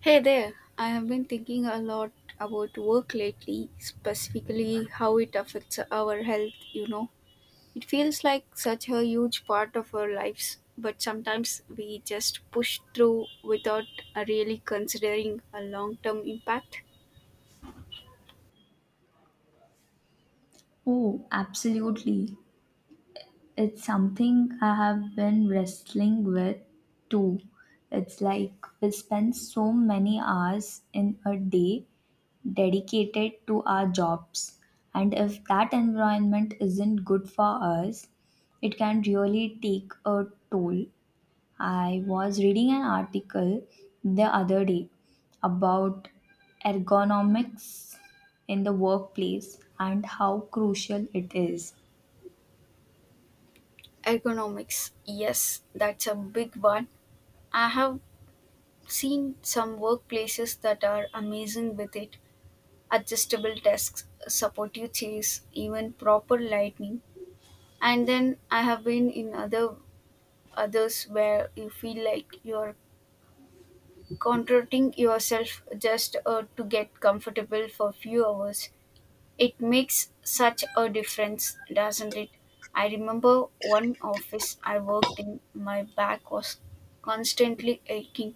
Hey there, I have been thinking a lot about work lately, specifically how it affects our health, you know. It feels like such a huge part of our lives, but sometimes we just push through without really considering a long term impact. Oh, absolutely. It's something I have been wrestling with too. It's like we spend so many hours in a day dedicated to our jobs, and if that environment isn't good for us, it can really take a toll. I was reading an article the other day about ergonomics in the workplace and how crucial it is. Ergonomics, yes, that's a big one. I have seen some workplaces that are amazing with it, adjustable desks, supportive chairs, even proper lighting, and then I have been in others where you feel like you're contracting yourself just to get comfortable for few hours. It makes such a difference, doesn't it? I remember one office I worked in, my back was constantly aching.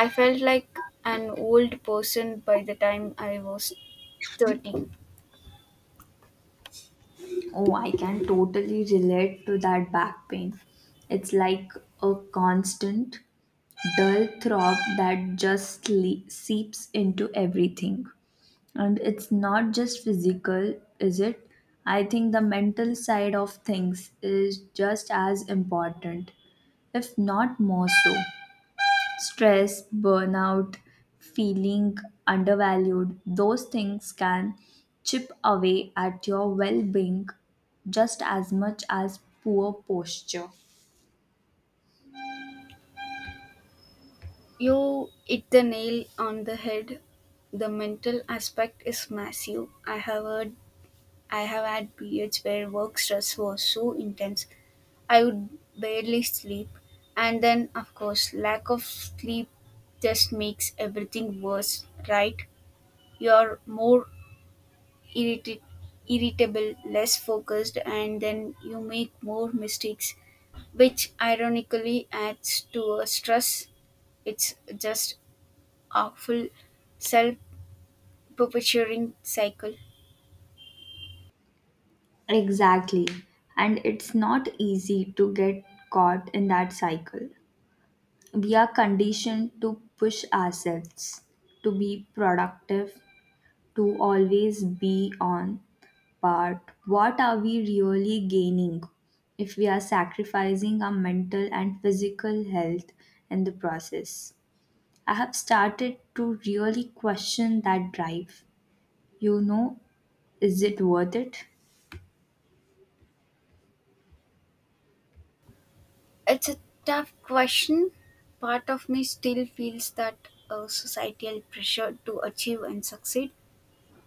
I felt like an old person by the time I was 30. Oh, I can totally relate to that back pain. It's like a constant, dull throb that just seeps into everything. And it's not just physical, is it? I think the mental side of things is just as important, if not more so stress, burnout, feeling undervalued, those things can chip away at your well being just as much as poor posture. You hit the nail on the head. The mental aspect is massive. I have had periods where work stress was so intense I would barely sleep. And then of course lack of sleep just makes everything worse, right? You're more irritated irritable, less focused, and then you make more mistakes, which ironically adds to a stress. It's just awful, self perpetuating cycle? Exactly. And it's not easy to get caught in that cycle. We are conditioned to push ourselves to be productive, to always be on. But what are we really gaining if we are sacrificing our mental and physical health in the process? I have started to really question that drive. You know, is it worth it? It's a tough question. Part of me still feels that societal pressure to achieve and succeed,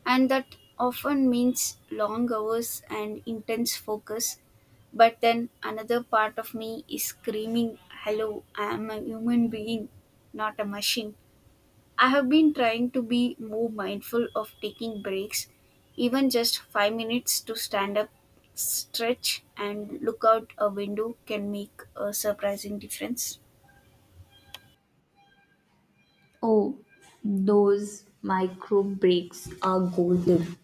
and that often means long hours and intense focus. But then another part of me is screaming, Hello, I am a human being, not a machine. I have been trying to be more mindful of taking breaks, even just 5 minutes to stand up, stretch, and look out a window can make a surprising difference. Oh, those micro breaks are golden.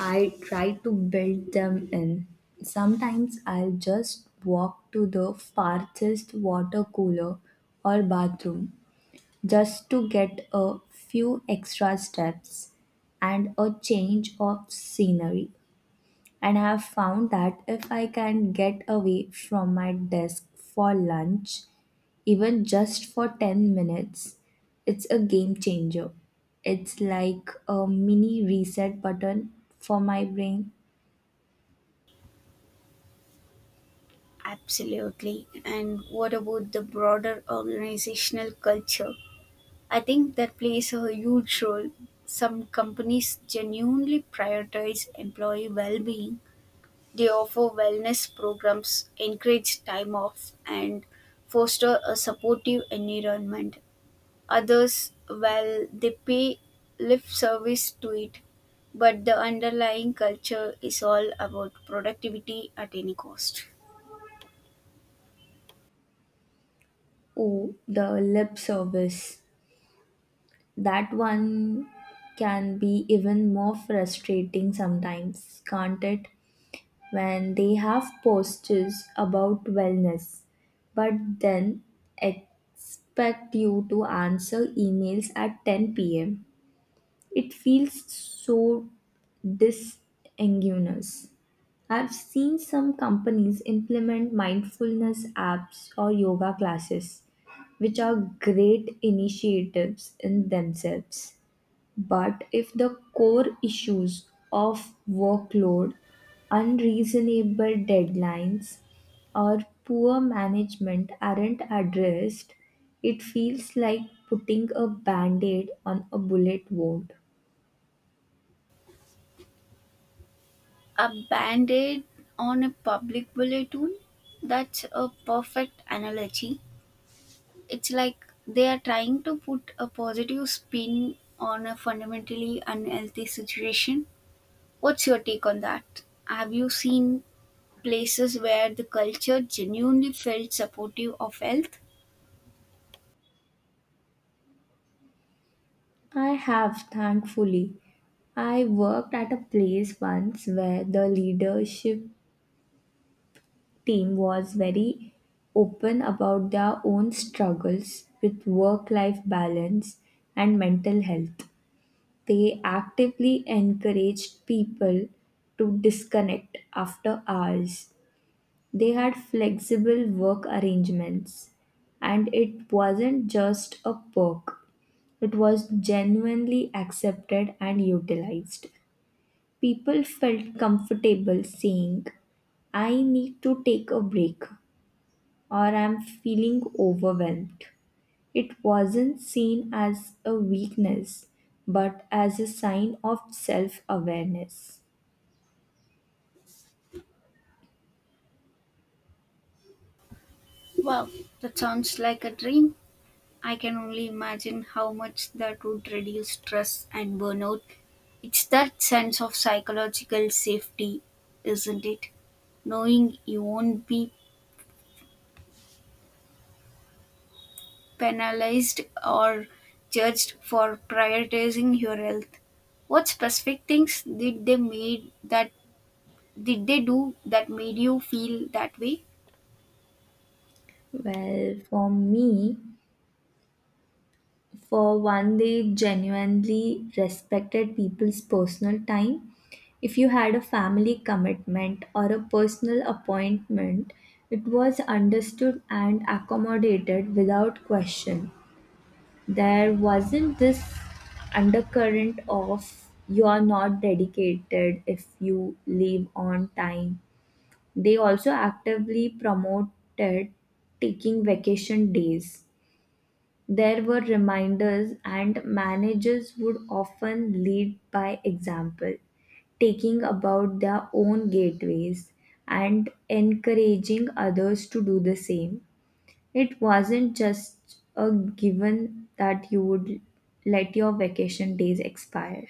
I try to build them in. Sometimes I'll just walk to the farthest water cooler or bathroom just to get a few extra steps and a change of scenery. And I have found that if I can get away from my desk for lunch, even just for 10 minutes, it's a game changer. It's like a mini reset button for my brain. Absolutely. And what about the broader organizational culture? I think that plays a huge role. Some companies genuinely prioritize employee well being. They offer wellness programs, encourage time off, and foster a supportive environment. Others, well, they pay lip service to it, but the underlying culture is all about productivity at any cost. Oh, the lip service. That one can be even more frustrating sometimes, can't it, when they have posters about wellness, but then expect you to answer emails at 10 pm. It feels so disingenuous. I've seen some companies implement mindfulness apps or yoga classes, which are great initiatives in themselves. But if the core issues of workload, unreasonable deadlines, or poor management aren't addressed, it feels like putting a band aid on a bullet wound. A band aid on a public bulletin? That's a perfect analogy. It's like they are trying to put a positive spin on a fundamentally unhealthy situation. What's your take on that? Have you seen places where the culture genuinely felt supportive of health? I have, thankfully. I worked at a place once where the leadership team was very open about their own struggles with work life balance and mental health. They actively encouraged people to disconnect after hours. They had flexible work arrangements, and it wasn't just a perk, it was genuinely accepted and utilized. People felt comfortable saying, I need to take a break or I'm feeling overwhelmed. It wasn't seen as a weakness, but as a sign of self awareness. Wow, that sounds like a dream. I can only imagine how much that would reduce stress and burnout. It's that sense of psychological safety, isn't it? Knowing you won't be penalized or judged for prioritizing your health? What specific things did they do that made you feel that way? Well, for me, for one, they genuinely respected people's personal time. If you had a family commitment or a personal appointment, it was understood and accommodated without question. There wasn't this undercurrent of you are not dedicated if you leave on time. They also actively promoted taking vacation days. There were reminders, and managers would often lead by example, taking about their own gateways and encouraging others to do the same. It wasn't just a given that you would let your vacation days expire.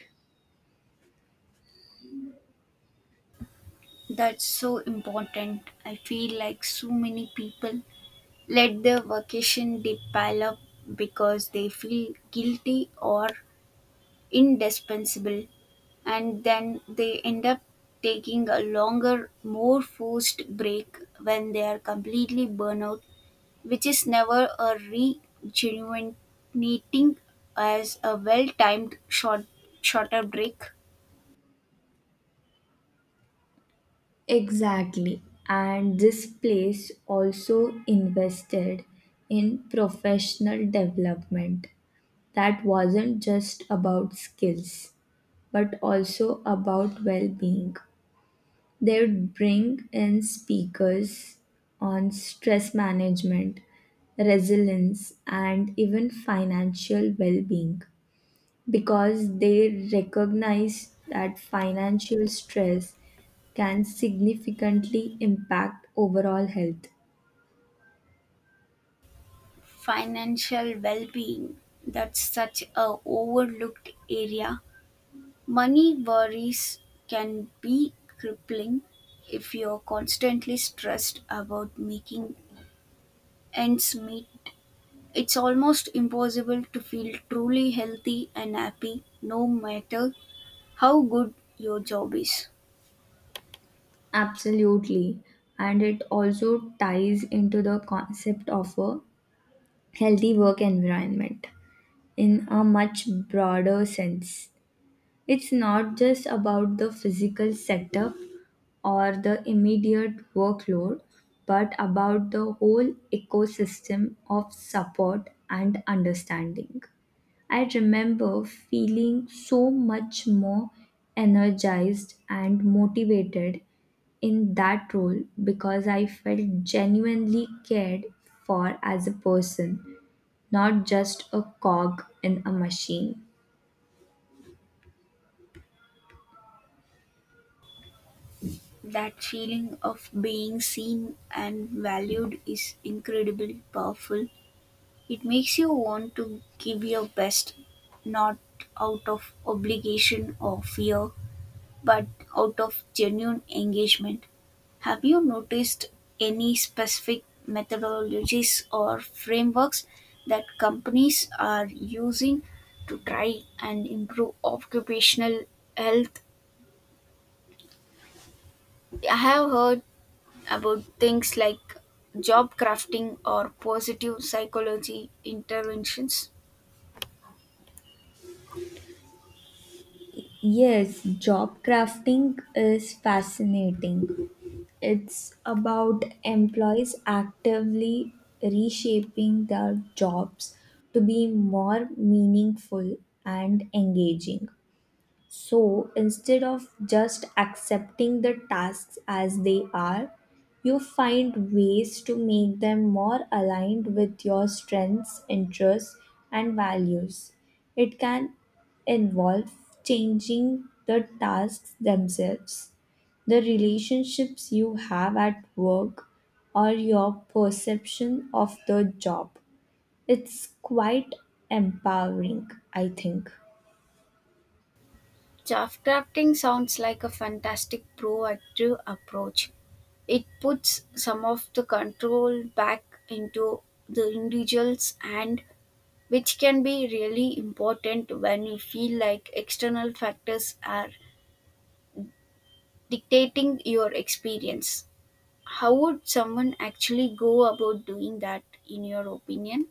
That's so important. I feel like so many people let their vacation they pile up because they feel guilty or indispensable, and then they end up taking a longer, more forced break when they are completely burnout, which is never a rejuvenating as a well-timed shorter break. Exactly. And this place also invested in professional development that wasn't just about skills, but also about well being. They would bring in speakers on stress management, resilience, and even financial well being, because they recognize that financial stress can significantly impact overall health. Financial well-being, that's such a overlooked area. Money worries can be crippling. If you're constantly stressed about making ends meet, it's almost impossible to feel truly healthy and happy no matter how good your job is. Absolutely. And it also ties into the concept of a healthy work environment in a much broader sense. It's not just about the physical setup or the immediate workload, but about the whole ecosystem of support and understanding. I remember feeling so much more energized and motivated in that role because I felt genuinely cared for as a person, not just a cog in a machine. That feeling of being seen and valued is incredibly powerful. It makes you want to give your best, not out of obligation or fear, but out of genuine engagement. Have you noticed any specific methodologies or frameworks that companies are using to try and improve occupational health? I have heard about things like job crafting or positive psychology interventions. Yes, job crafting is fascinating. It's about employees actively reshaping their jobs to be more meaningful and engaging. So instead of just accepting the tasks as they are, you find ways to make them more aligned with your strengths, interests, and values. It can involve changing the tasks themselves, the relationships you have at work, or your perception of the job. It's quite empowering, I think. Chaff crafting sounds like a fantastic proactive approach. It puts some of the control back into the individuals, and which can be really important when you feel like external factors are dictating your experience. How would someone actually go about doing that in your opinion?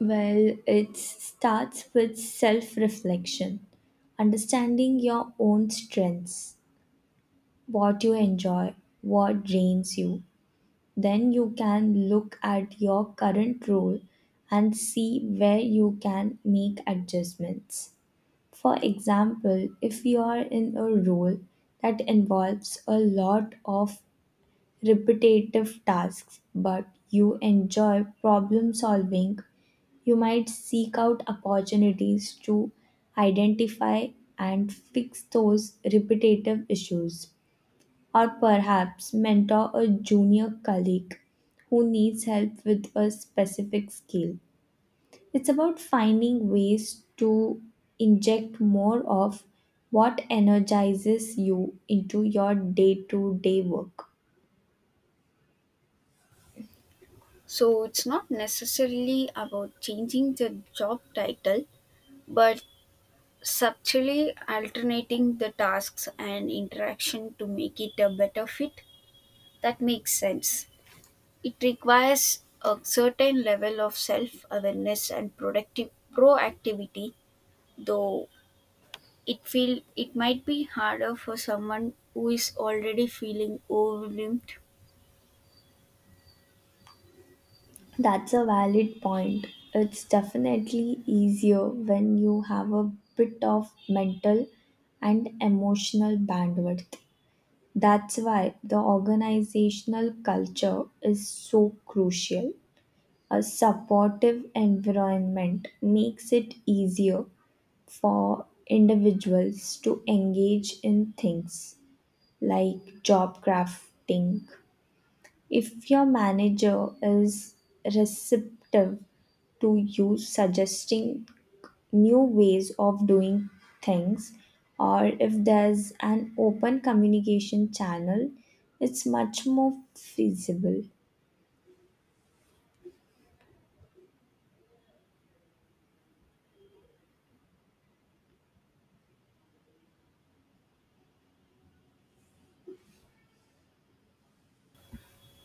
Well, it starts with self reflection, understanding your own strengths, what you enjoy, what drains you. Then you can look at your current role and see where you can make adjustments. For example, if you are in a role that involves a lot of repetitive tasks but you enjoy problem solving, you might seek out opportunities to identify and fix those repetitive issues, or perhaps mentor a junior colleague who needs help with a specific skill. It's about finding ways to inject more of what energizes you into your day to day work. So it's not necessarily about changing the job title, but subtly alternating the tasks and interaction to make it a better fit. That makes sense. It requires a certain level of self awareness and productive proactivity though. It feel it might be harder for someone who is already feeling overwhelmed. That's a valid point. It's definitely easier when you have a bit of mental and emotional bandwidth. That's why the organizational culture is so crucial. A supportive environment makes it easier for individuals to engage in things like job crafting. If your manager is receptive to you suggesting new ways of doing things, or if there's an open communication channel, it's much more feasible.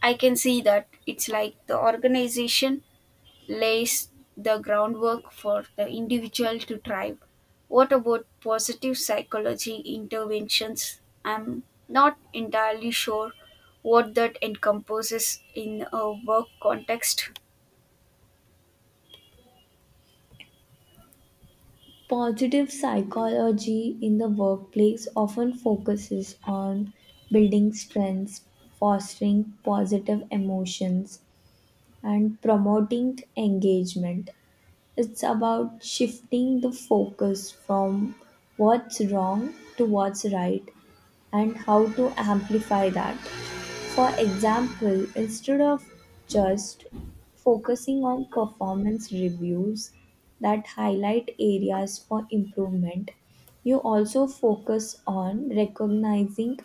I can see that. It's like the organization lays the groundwork for the individual to thrive. What about positive psychology interventions? I'm not entirely sure what that encompasses in a work context. Positive psychology in the workplace often focuses on building strengths, fostering positive emotions, and promoting engagement. It's about shifting the focus from what's wrong to what's right and how to amplify that. For example, instead of just focusing on performance reviews that highlight areas for improvement, you also focus on recognizing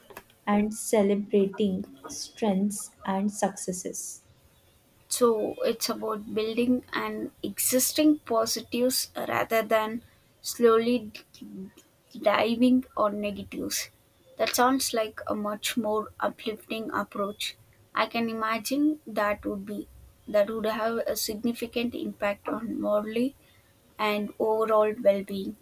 and celebrating strengths and successes. So it's about building an existing positives rather than slowly diving on negatives. That sounds like a much more uplifting approach. I can imagine that would have a significant impact on morally and overall well-being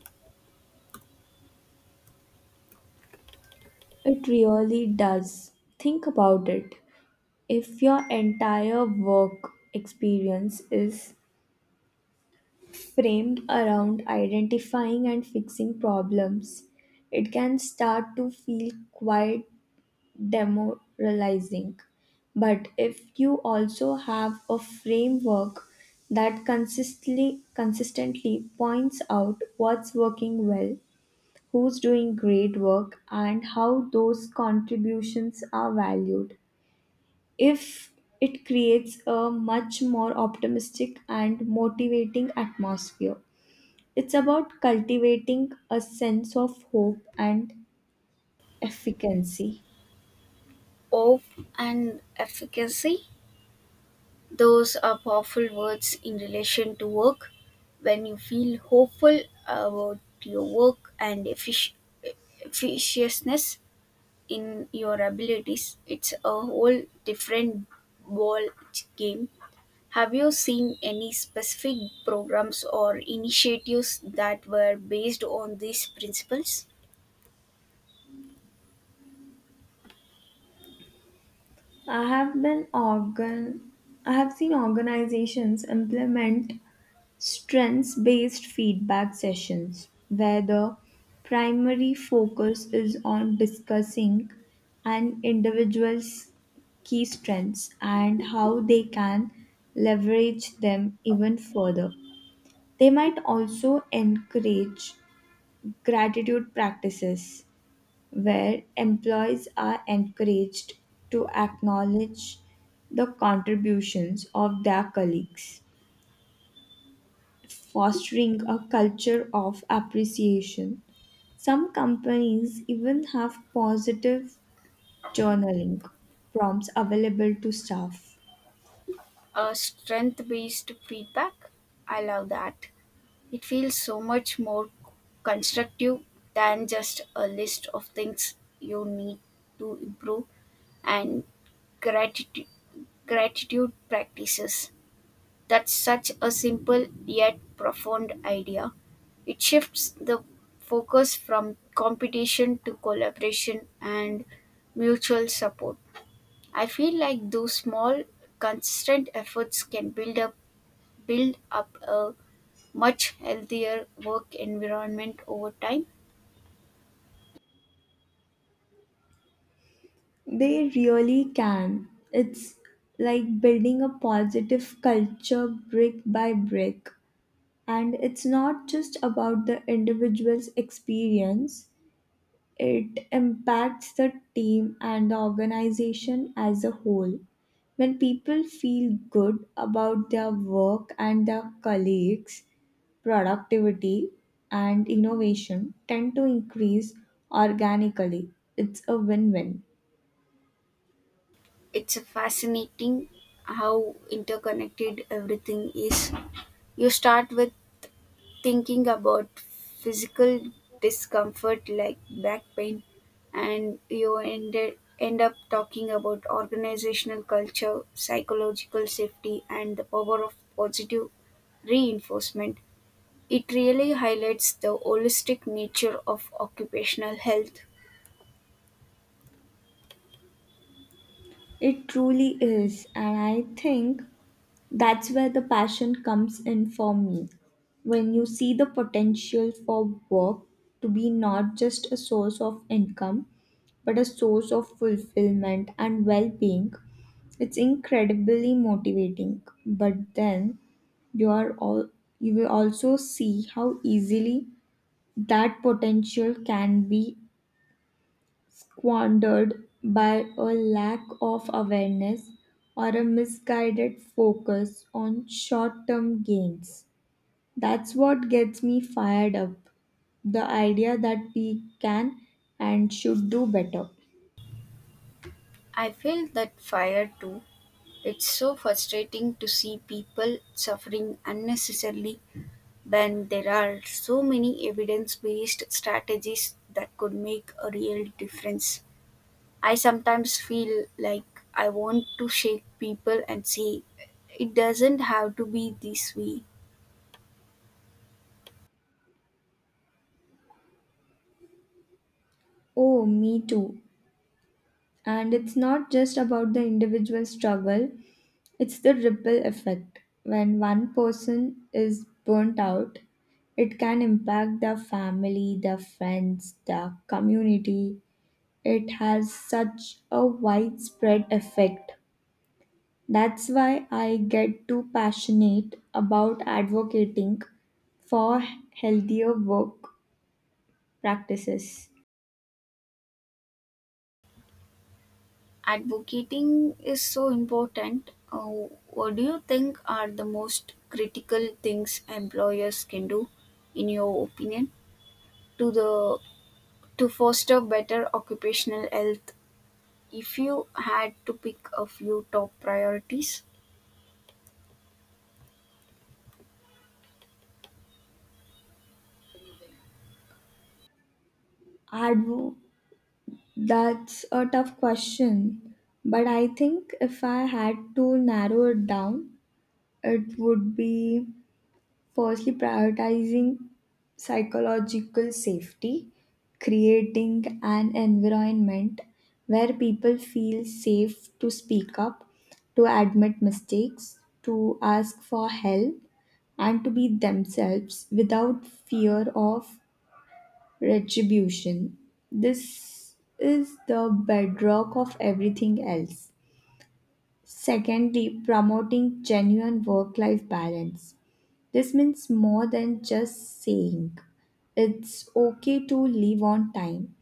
It really does. Think about it. If your entire work experience is framed around identifying and fixing problems, it can start to feel quite demoralizing. But if you also have a framework that consistently points out what's working well, who's doing great work, and how those contributions are valued, if it creates a much more optimistic and motivating atmosphere. It's about cultivating a sense of hope and efficacy. of and efficacy. Those are powerful words in relation to work. When you feel hopeful about your work and efficiousness in your abilities, it's a whole different ball game. Have you seen any specific programs or initiatives that were based on these principles? I have been organ I have seen organizations implement strengths based feedback sessions where the primary focus is on discussing an individual's key strengths and how they can leverage them even further. They might also encourage gratitude practices where employees are encouraged to acknowledge the contributions of their colleagues, fostering a culture of appreciation. Some companies even have positive journaling prompts available to staff. Strength based feedback. I love that. It feels so much more constructive than just a list of things you need to improve. And gratitude, gratitude practices. That's such a simple yet profound idea. It shifts the focus from competition to collaboration and mutual support. I feel like those small, consistent efforts can build up a much healthier work environment over time. They really can. It's like building a positive culture brick by brick. And it's not just about the individual's experience, it impacts the team and the organization as a whole. When people feel good about their work and their colleagues, productivity and innovation tend to increase organically. It's a win win. It's fascinating how interconnected everything is. You start with thinking about physical discomfort like back pain, and you end up talking about organizational culture, psychological safety, and the power of positive reinforcement. It really highlights the holistic nature of occupational health. It truly is, and I think that's where the passion comes in for me. When you see the potential for work to be not just a source of income, but a source of fulfillment and well being, it's incredibly motivating. But then you are all you will also see how easily that potential can be squandered by a lack of awareness or a misguided focus on short term gains. That's what gets me fired up. The idea that we can and should do better. I feel that fire too. It's so frustrating to see people suffering unnecessarily when there are so many evidence based strategies that could make a real difference. I sometimes feel like I want to shake people and say, it doesn't have to be this way. Oh, me too. And it's not just about the individual struggle, it's the ripple effect. When one person is burnt out, it can impact their family, their friends, their community. It has such a widespread effect. That's why I get too passionate about advocating for healthier work practices. Advocating is so important. What do you think are the most critical things employers can do, in your opinion, to the to foster better occupational health? If you had to pick a few top priorities, Advo- that's a tough question, but I think if I had to narrow it down, it would be: firstly, prioritizing psychological safety, creating an environment where people feel safe to speak up, to admit mistakes, to ask for help, and to be themselves without fear of retribution. This is the bedrock of everything else. Secondly, promoting genuine work life balance. This means more than just saying it's okay to leave on time.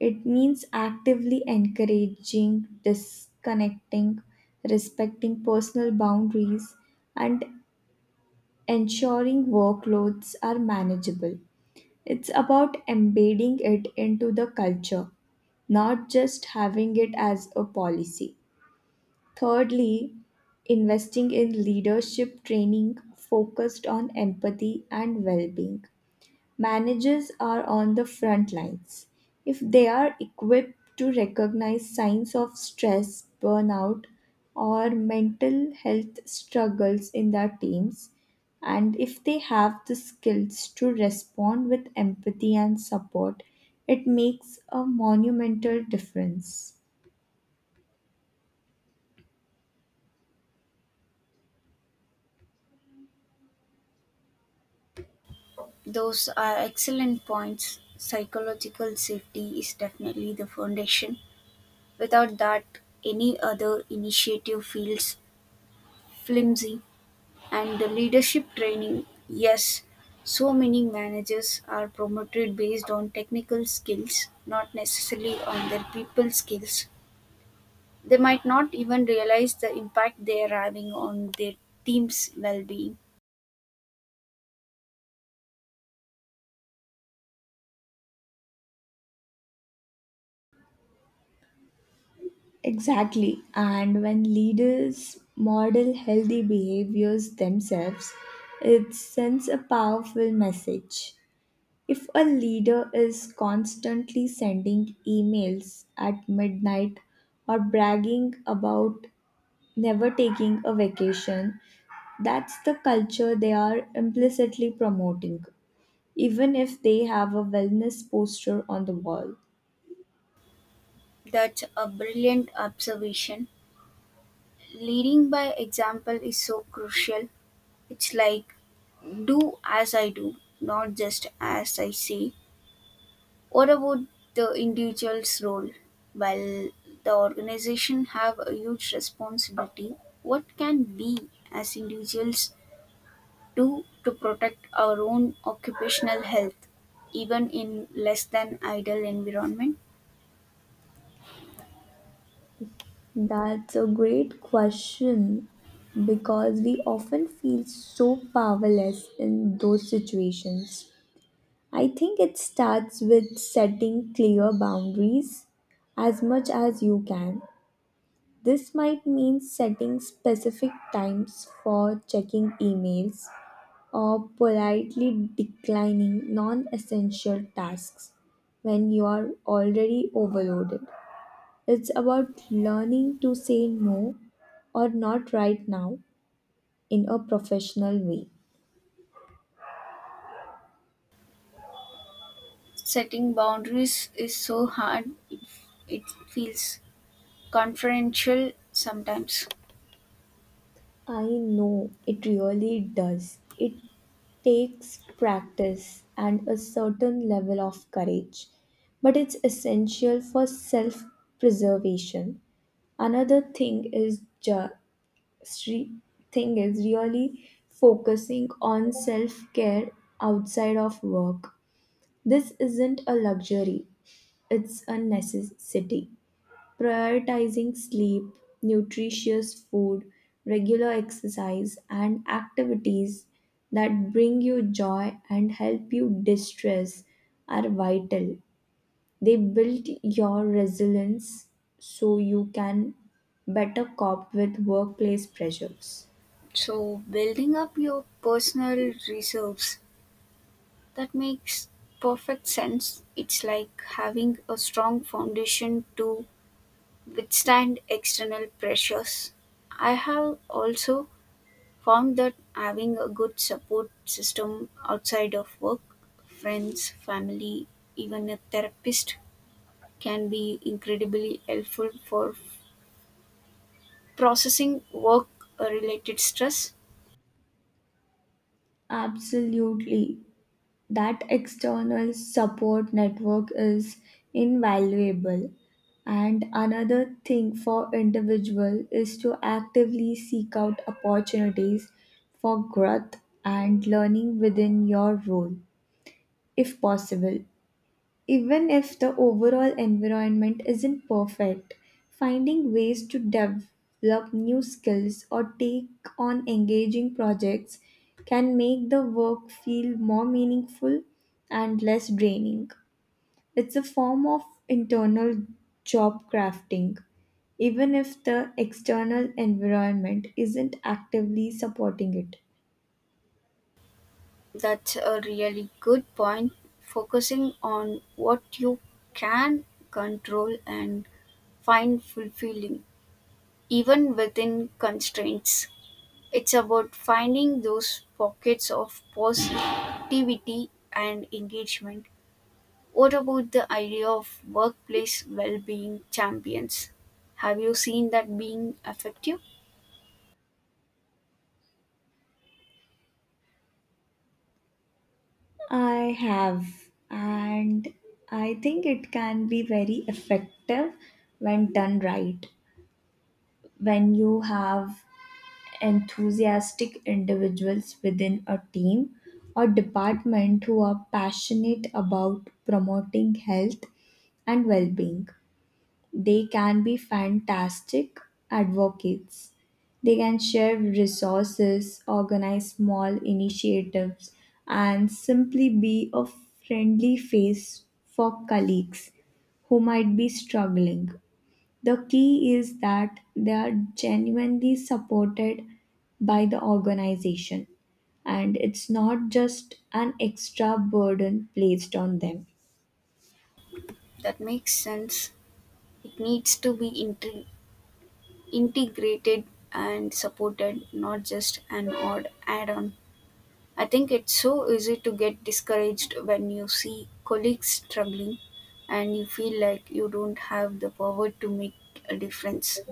It means actively encouraging, disconnecting, respecting personal boundaries, and ensuring workloads are manageable. It's about embedding it into the culture, not just having it as a policy. Thirdly, investing in leadership training focused on empathy and well being. Managers are on the front lines. If they are equipped to recognize signs of stress, burnout, or mental health struggles in their teams, and if they have the skills to respond with empathy and support, it makes a monumental difference. those are excellent points. Psychological safety is definitely the foundation. Without that, any other initiative feels flimsy. And the leadership training, yes, so many managers are promoted based on technical skills, not necessarily on their people skills. They might not even realize the impact they are having on their team's well-being. Exactly. And when leaders model healthy behaviors themselves, it sends a powerful message. If a leader is constantly sending emails at midnight or bragging about never taking a vacation, that's the culture they are implicitly promoting, even if they have a wellness poster on the wall. That's a brilliant observation. Leading by example is so crucial. It's like do as I do, not just as I say. What about the individual's role? While the organization have a huge responsibility, what can we as individuals do to protect our own occupational health, even in less than ideal environment? That's a great question because we often feel so powerless in those situations. I think it starts with setting clear boundaries as much as you can. This might mean setting specific times for checking emails or politely declining non essential tasks when you are already overloaded. It's about learning to say no or not right now in a professional way. Setting boundaries is so hard; it feels confidential sometimes. I know it really does. It takes practice and a certain level of courage, but it's essential for self preservation. Another thing is re- really focusing on self care outside of work. This isn't a luxury, it's a necessity. Prioritizing sleep, nutritious food, regular exercise, and activities that bring you joy and help you distress are vital. They build your resilience so you can better cope with workplace pressures. So, building up your personal reserves. That makes perfect sense. It's like having a strong foundation to withstand external pressures. I have also found that having a good support system outside of work, friends, family, even a therapist, can be incredibly helpful for processing work related stress. Absolutely. That external support network is invaluable, and another thing for individual is to actively seek out opportunities for growth and learning within your role if possible. Even if the overall environment isn't perfect, finding ways to develop new skills or take on engaging projects can make the work feel more meaningful and less draining. It's a form of internal job crafting, even if the external environment isn't actively supporting it. That's a really good point. Focusing on what you can control and find fulfilling, even within constraints. It's about finding those pockets of positivity and engagement. What about the idea of workplace well being champions? Have you seen that being effective? I have, and I think it can be very effective when done right. When you have enthusiastic individuals within a team or department who are passionate about promoting health and well being, they can be fantastic advocates. They can share resources, organize small initiatives, and simply be a friendly face for colleagues who might be struggling. The key is that they are genuinely supported by the organization, and it's not just an extra burden placed on them. That makes sense. It needs to be integrated and supported, not just an odd add on. I think it's so easy to get discouraged when you see colleagues struggling and you feel like you don't have the power to make a difference.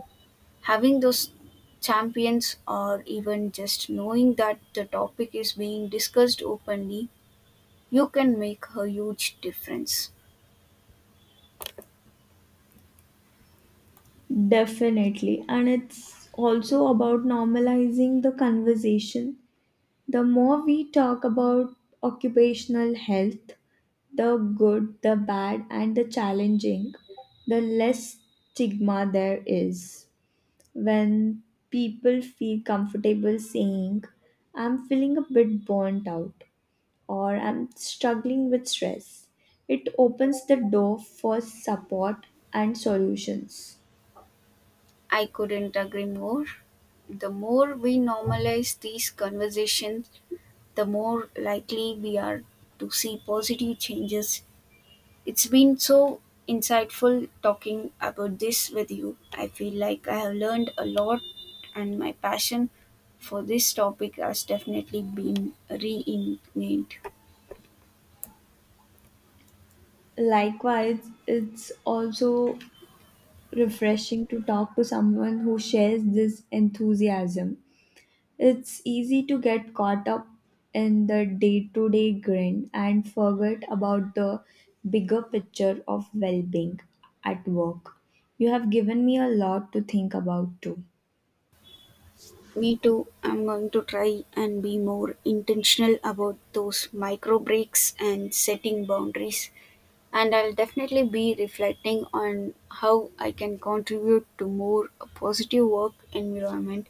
Having those champions, or even just knowing that the topic is being discussed openly, you can make a huge difference. Definitely. And it's also about normalizing the conversation. The more we talk about occupational health, the good, the bad, and the challenging, the less stigma there is. When people feel comfortable saying, I'm feeling a bit burnt out or I'm struggling with stress, it opens the door for support and solutions. I couldn't agree more. The more we normalize these conversations, the more likely we are to see positive changes. It's been so insightful talking about this with you. I feel like I have learned a lot, and my passion for this topic has definitely been reinvented. Likewise, it's also refreshing to talk to someone who shares this enthusiasm. It's easy to get caught up in the day to day grind and forget about the bigger picture of well being at work. You have given me a lot to think about too. Me too. I'm going to try and be more intentional about those micro breaks and setting boundaries. And I'll definitely be reflecting on how I can contribute to more positive work environment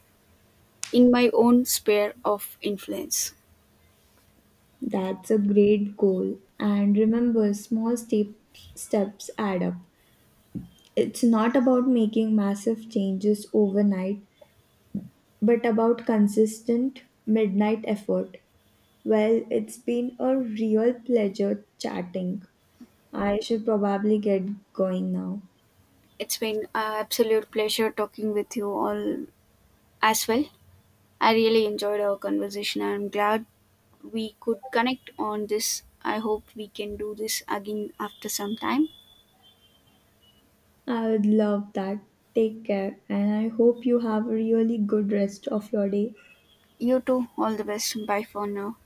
in my own sphere of influence. That's a great goal. And remember, small steps add up. It's not about making massive changes overnight, but about consistent midnight effort. Well, it's been a real pleasure chatting. I should probably get going now. It's been an absolute pleasure talking with you all as well. I really enjoyed our conversation. I'm glad we could connect on this. I hope we can do this again after some time. I would love that. Take care, and I hope you have a really good rest of your day. You too, all the best. Bye for now.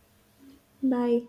Bye.